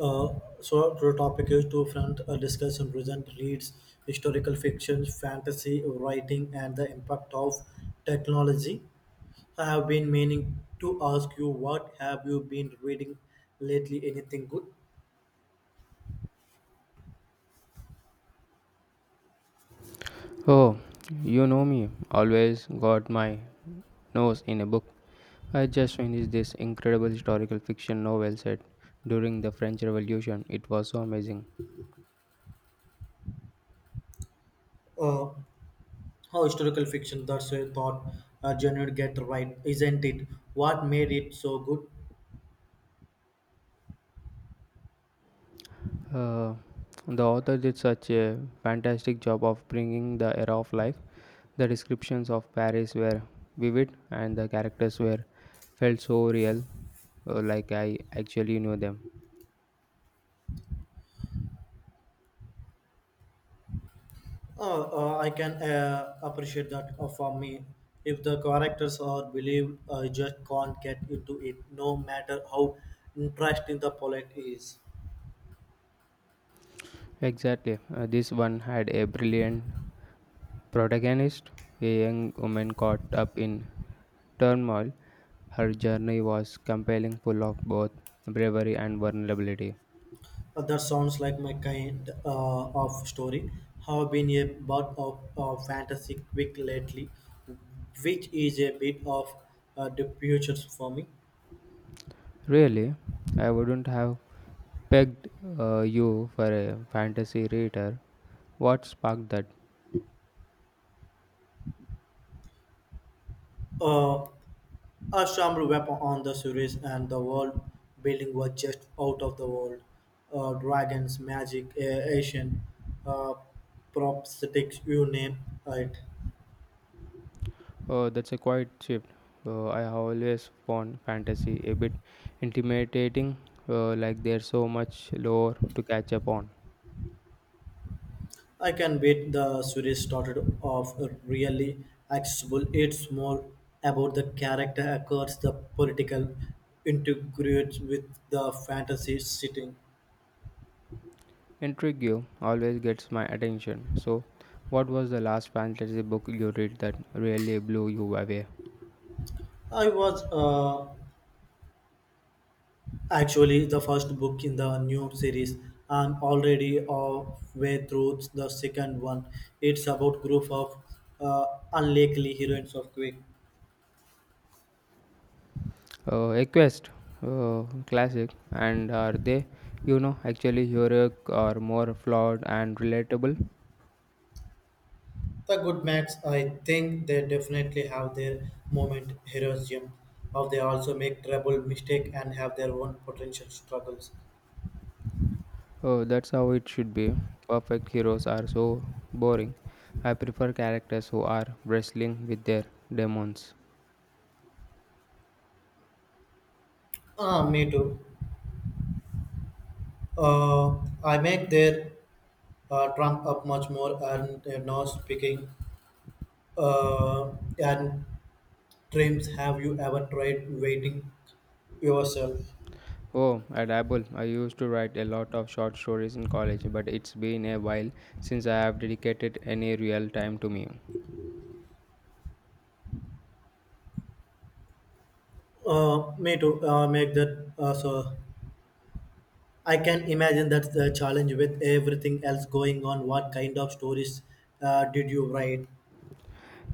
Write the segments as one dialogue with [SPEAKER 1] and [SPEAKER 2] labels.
[SPEAKER 1] Uh, so the topic is to front discuss and present reads historical fiction fantasy writing and the impact of technology. I have been meaning to ask you, what have you been reading lately? Anything good?
[SPEAKER 2] Oh, you know me, always got my nose in a book. I just finished this incredible historical fiction novel set during the French Revolution. It was so amazing.
[SPEAKER 1] Uh, how historical fiction, that's a thought, a genre get right, isn't it? What made it so good?
[SPEAKER 2] Uh, the author did such a fantastic job of bringing the era of life. The descriptions of Paris were vivid and the characters were felt so real, like I actually knew them.
[SPEAKER 1] I can appreciate that for me. If the characters are believed, I just can't get into it, no matter how interesting the plot is.
[SPEAKER 2] Exactly. This one had a brilliant protagonist, a young woman caught up in turmoil, her journey was compelling, full of both bravery and vulnerability.
[SPEAKER 1] That sounds like my kind of story. Have been a butt of fantasy quick lately, which is a bit of the future for me.
[SPEAKER 2] Really, I wouldn't have pegged you for a fantasy reader. What sparked that?
[SPEAKER 1] Uh, A summer weapon on the series and the world building was just out of the world. Dragons, magic, Asian, uh, prosthetics, you name it.
[SPEAKER 2] Oh, that's a quiet shift. I have always found fantasy a bit intimidating, like there's so much lore to catch up on.
[SPEAKER 1] I can bet the series started off really accessible. It's more about the character across the political integrates with the fantasy setting.
[SPEAKER 2] Intrigue you always gets my attention. So, what was the last fantasy book you read that really blew you away?
[SPEAKER 1] I was actually the first book in the new series. I'm already halfway through the second one. It's about group of uh, unlikely heroines of Quick.
[SPEAKER 2] Equest, classic, and are they, actually heroic or more flawed and relatable?
[SPEAKER 1] The good max, I think they definitely have their moment heroism. How they also make trouble, mistake, and have their own potential struggles.
[SPEAKER 2] Oh, that's how it should be. Perfect heroes are so boring. I prefer characters who are wrestling with their demons.
[SPEAKER 1] Ah, me too. Uh, I make their trump up much more and now speaking uh, and dreams, have you ever tried waiting yourself?
[SPEAKER 2] Oh, I dabble. I used to write a lot of short stories in college, but it's been a while since I have dedicated any real time to me.
[SPEAKER 1] Me to make that, so I can imagine that's the challenge with everything else going on. What kind of stories did you write?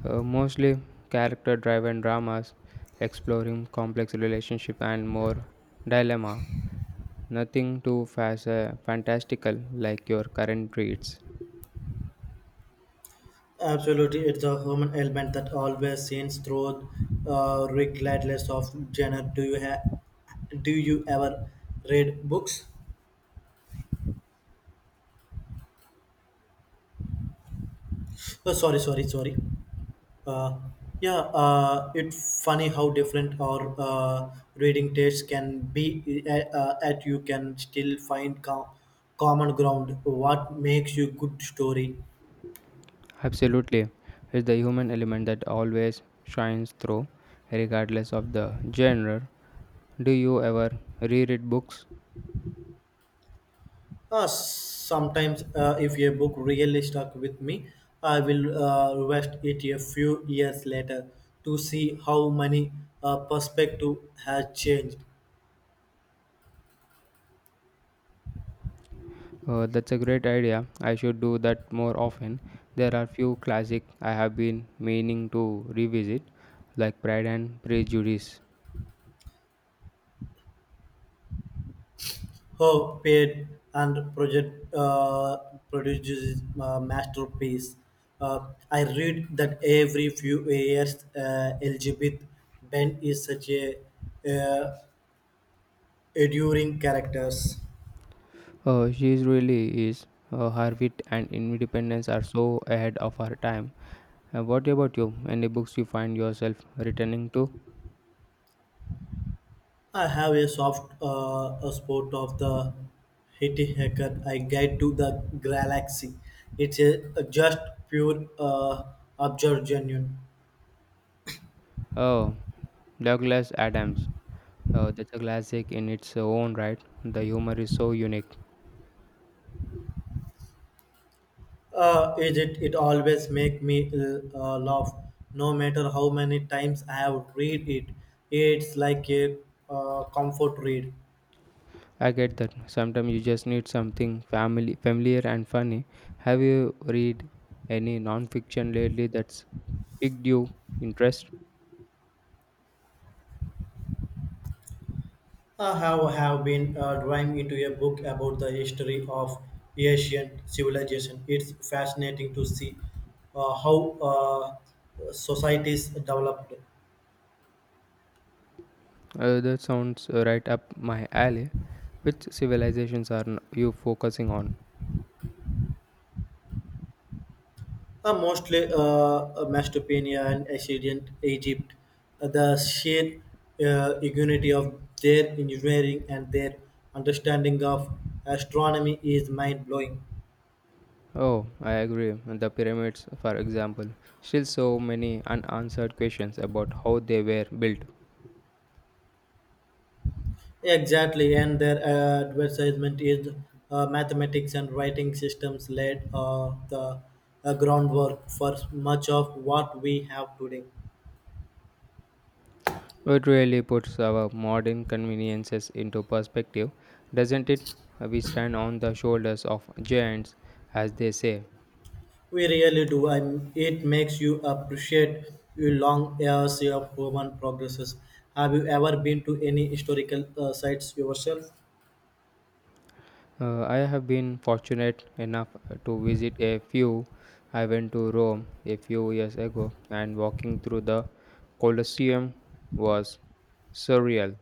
[SPEAKER 2] Mostly character driven dramas exploring complex relationship and more dilemma, nothing too fantastical, like your current reads.
[SPEAKER 1] Absolutely, it's a human element that always seems through, regardless of genre. Do you ever read books? Oh, sorry, sorry, sorry. Uh, yeah, it's funny how different our reading tastes can be. At you can still find common ground. What makes you good story?
[SPEAKER 2] Absolutely, it's the human element that always shines through regardless of the genre. Do you ever reread books?
[SPEAKER 1] Sometimes, if a book really stuck with me, I will request it a few years later to see how many perspective has changed.
[SPEAKER 2] That's a great idea, I should do that more often. There are few classic I have been meaning to revisit, like Pride and Prejudice.
[SPEAKER 1] Her paid and project produces masterpiece. I read that every few years. Elizabeth Ben is such a uh, enduring characters.
[SPEAKER 2] She is really is. Her wit and independence are so ahead of her time. What about you? Any books you find yourself returning to?
[SPEAKER 1] I have a soft a spot of the Hitty Hacker I guide to the galaxy. It's a just pure observation.
[SPEAKER 2] Oh, Douglas Adams. That's a classic in its own right. The humor is so unique.
[SPEAKER 1] Is it? It always make me laugh, no matter how many times I have read it. It's like a comfort read.
[SPEAKER 2] I get that. Sometimes you just need something family, familiar and funny. Have you read any non-fiction lately that's piqued your interest?
[SPEAKER 1] I have been drawing into a book about the history of Asian civilization. It's fascinating to see how societies developed.
[SPEAKER 2] That sounds right up my alley. Which civilizations are you focusing on?
[SPEAKER 1] Mostly Macedonia and Assyrian Egypt. The sheer unity of their engineering and their understanding of astronomy is mind blowing.
[SPEAKER 2] Oh, I agree. The pyramids, for example, still so many unanswered questions about how they were built.
[SPEAKER 1] Exactly, and their advertisement is mathematics and writing systems laid the groundwork for much of what we have today.
[SPEAKER 2] It really puts our modern conveniences into perspective, doesn't it? We stand on the shoulders of giants, as they say.
[SPEAKER 1] We really do. I, m it makes you appreciate your long years of human progresses. Have you ever been to any historical sites yourself?
[SPEAKER 2] I have been fortunate enough to visit a few. I went to Rome a few years ago, and walking through the Colosseum was surreal.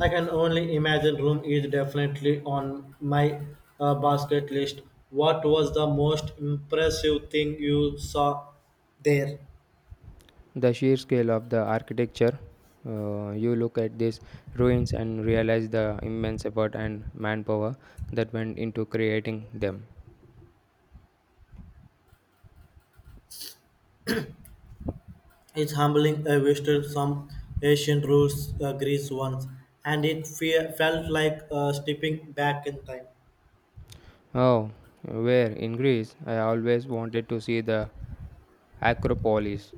[SPEAKER 1] I can only imagine. Rome is definitely on my basket list. What was the most impressive thing you saw there?
[SPEAKER 2] The sheer scale of the architecture, you look at these ruins and realize the immense effort and manpower that went into creating them.
[SPEAKER 1] It's humbling. I visited some ancient rules, Greece once, and felt like stepping back in time.
[SPEAKER 2] Oh, where in Greece, I always wanted to see the Acropolis.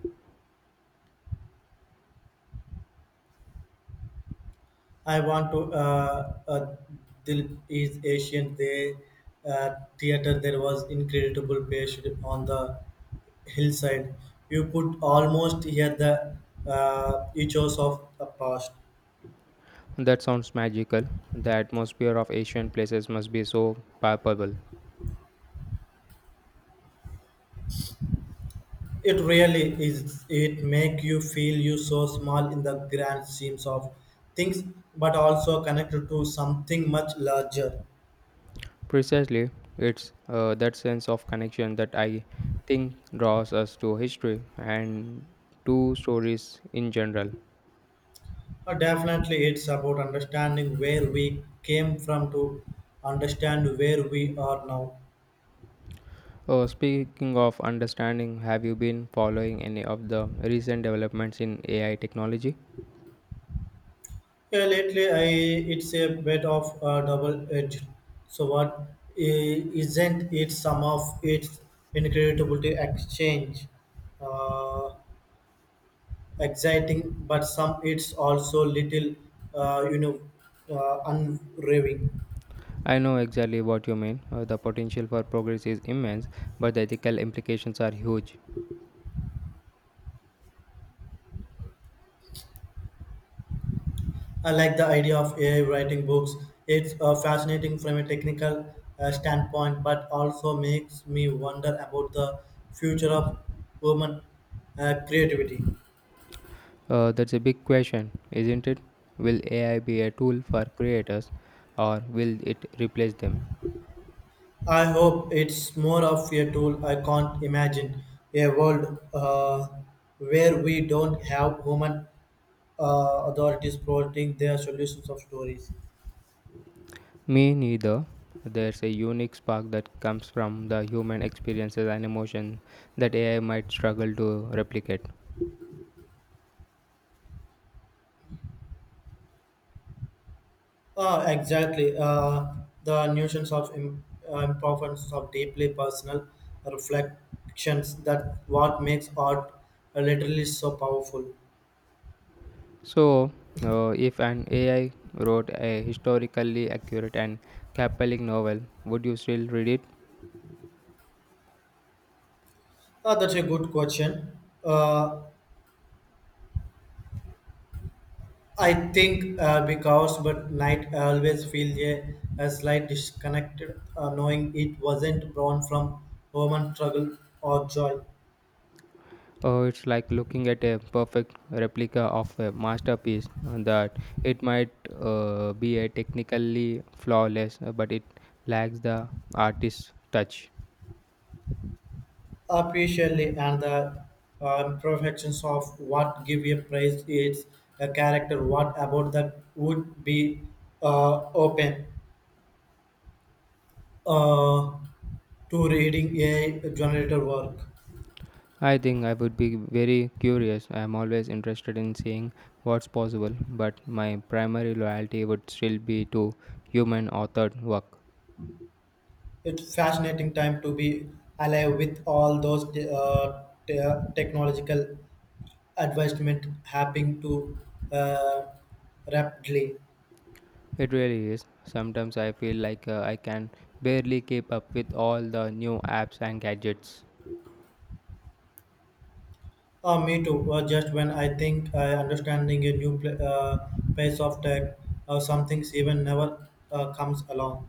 [SPEAKER 1] I want to. Dilip is Asian. They theater there was incredible pitched on the hillside. You could almost hear the echoes of the past.
[SPEAKER 2] That sounds magical. The atmosphere of Asian places must be so palpable.
[SPEAKER 1] It really is. It make you feel you so small in the grand schemes of things, but also connected to something much larger.
[SPEAKER 2] Precisely, it's that sense of connection that I think draws us to history and to stories in general.
[SPEAKER 1] Definitely, it's about understanding where we came from to understand where we are now.
[SPEAKER 2] Speaking of understanding, have you been following any of the recent developments in AI technology?
[SPEAKER 1] Yeah, lately I it's a bit of a double edge. So what, isn't it some of its incredibility exchange, uh, exciting, but some it's also little, uh, unraving.
[SPEAKER 2] I know exactly what you mean. The potential for progress is immense, but the ethical implications are huge.
[SPEAKER 1] I like the idea of AI writing books. It's fascinating from a technical standpoint, but also makes me wonder about the future of human creativity.
[SPEAKER 2] That's a big question, isn't it? Will AI be a tool for creators or will it replace them?
[SPEAKER 1] I hope it's more of a tool. I can't imagine a world where we don't have human authorities providing their solutions of stories.
[SPEAKER 2] Me neither. There's a unique spark that comes from the human experiences and emotion that AI might struggle to replicate.
[SPEAKER 1] Exactly. The notions of importance of deeply personal reflections that what makes art literally so powerful.
[SPEAKER 2] So, if an AI wrote a historically accurate and compelling novel, would you still read it?
[SPEAKER 1] That's a good question. Uh, I think because but night I always feel a slight disconnected, knowing it wasn't born from human struggle or joy.
[SPEAKER 2] Oh, it's like looking at a perfect replica of a masterpiece that it might be a technically flawless, but it lacks the artist's touch.
[SPEAKER 1] Appreciably and the imperfections of what give a praise its a character. What about that would be open uh, to reading a generator work?
[SPEAKER 2] I think I would be very curious. I am always interested in seeing what's possible, but my primary loyalty would still be to human authored work.
[SPEAKER 1] It's fascinating time to be alive with all those technological advancement happening too uh, rapidly.
[SPEAKER 2] It really is. Sometimes I feel like I can barely keep up with all the new apps and gadgets.
[SPEAKER 1] Oh, me too. Just when I think I understanding a new pace of tech, some things even never comes along.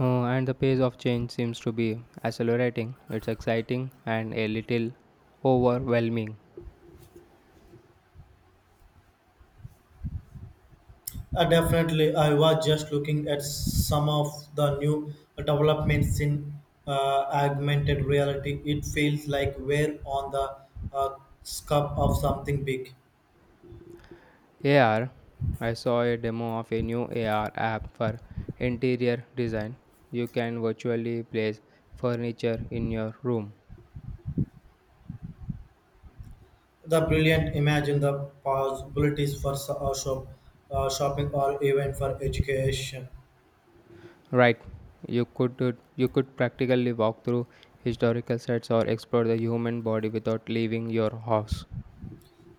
[SPEAKER 2] And the pace of change seems to be accelerating. It's exciting and a little overwhelming.
[SPEAKER 1] Definitely, I was just looking at some of the new developments in augmented reality. It feels like we're on the uh, cusp of something big.
[SPEAKER 2] AR? I saw a demo of a new AR app for interior design. You can virtually place furniture in your room.
[SPEAKER 1] The brilliant imagine the possibilities for shopping or even for education.
[SPEAKER 2] Right. You could practically walk through historical sites or explore the human body without leaving your house.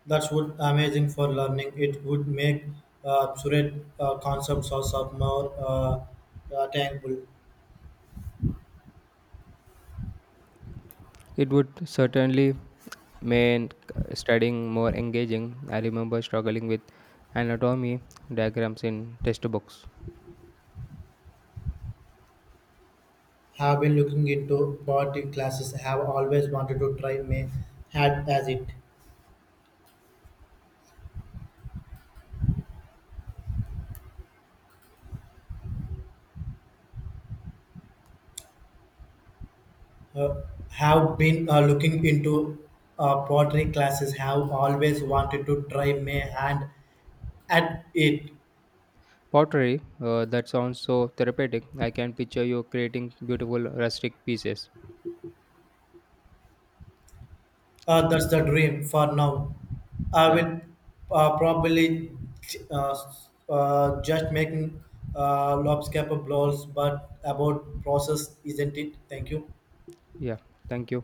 [SPEAKER 1] That would amazing for learning. It would make absurd concepts also more tangible.
[SPEAKER 2] It would certainly made studying more engaging. I remember struggling with anatomy diagrams in test books.
[SPEAKER 1] Have been looking into body classes. Have always wanted to try. May had as it uh, have been looking into pottery classes. Have always wanted to try. May hand at it.
[SPEAKER 2] Pottery, that sounds so therapeutic. I can picture you creating beautiful rustic pieces. Yeah,
[SPEAKER 1] That's the dream for now. I
[SPEAKER 2] yeah,
[SPEAKER 1] will probably uh, just making lobscapper balls, but about process, isn't it? Thank you.
[SPEAKER 2] yeah. Thank you.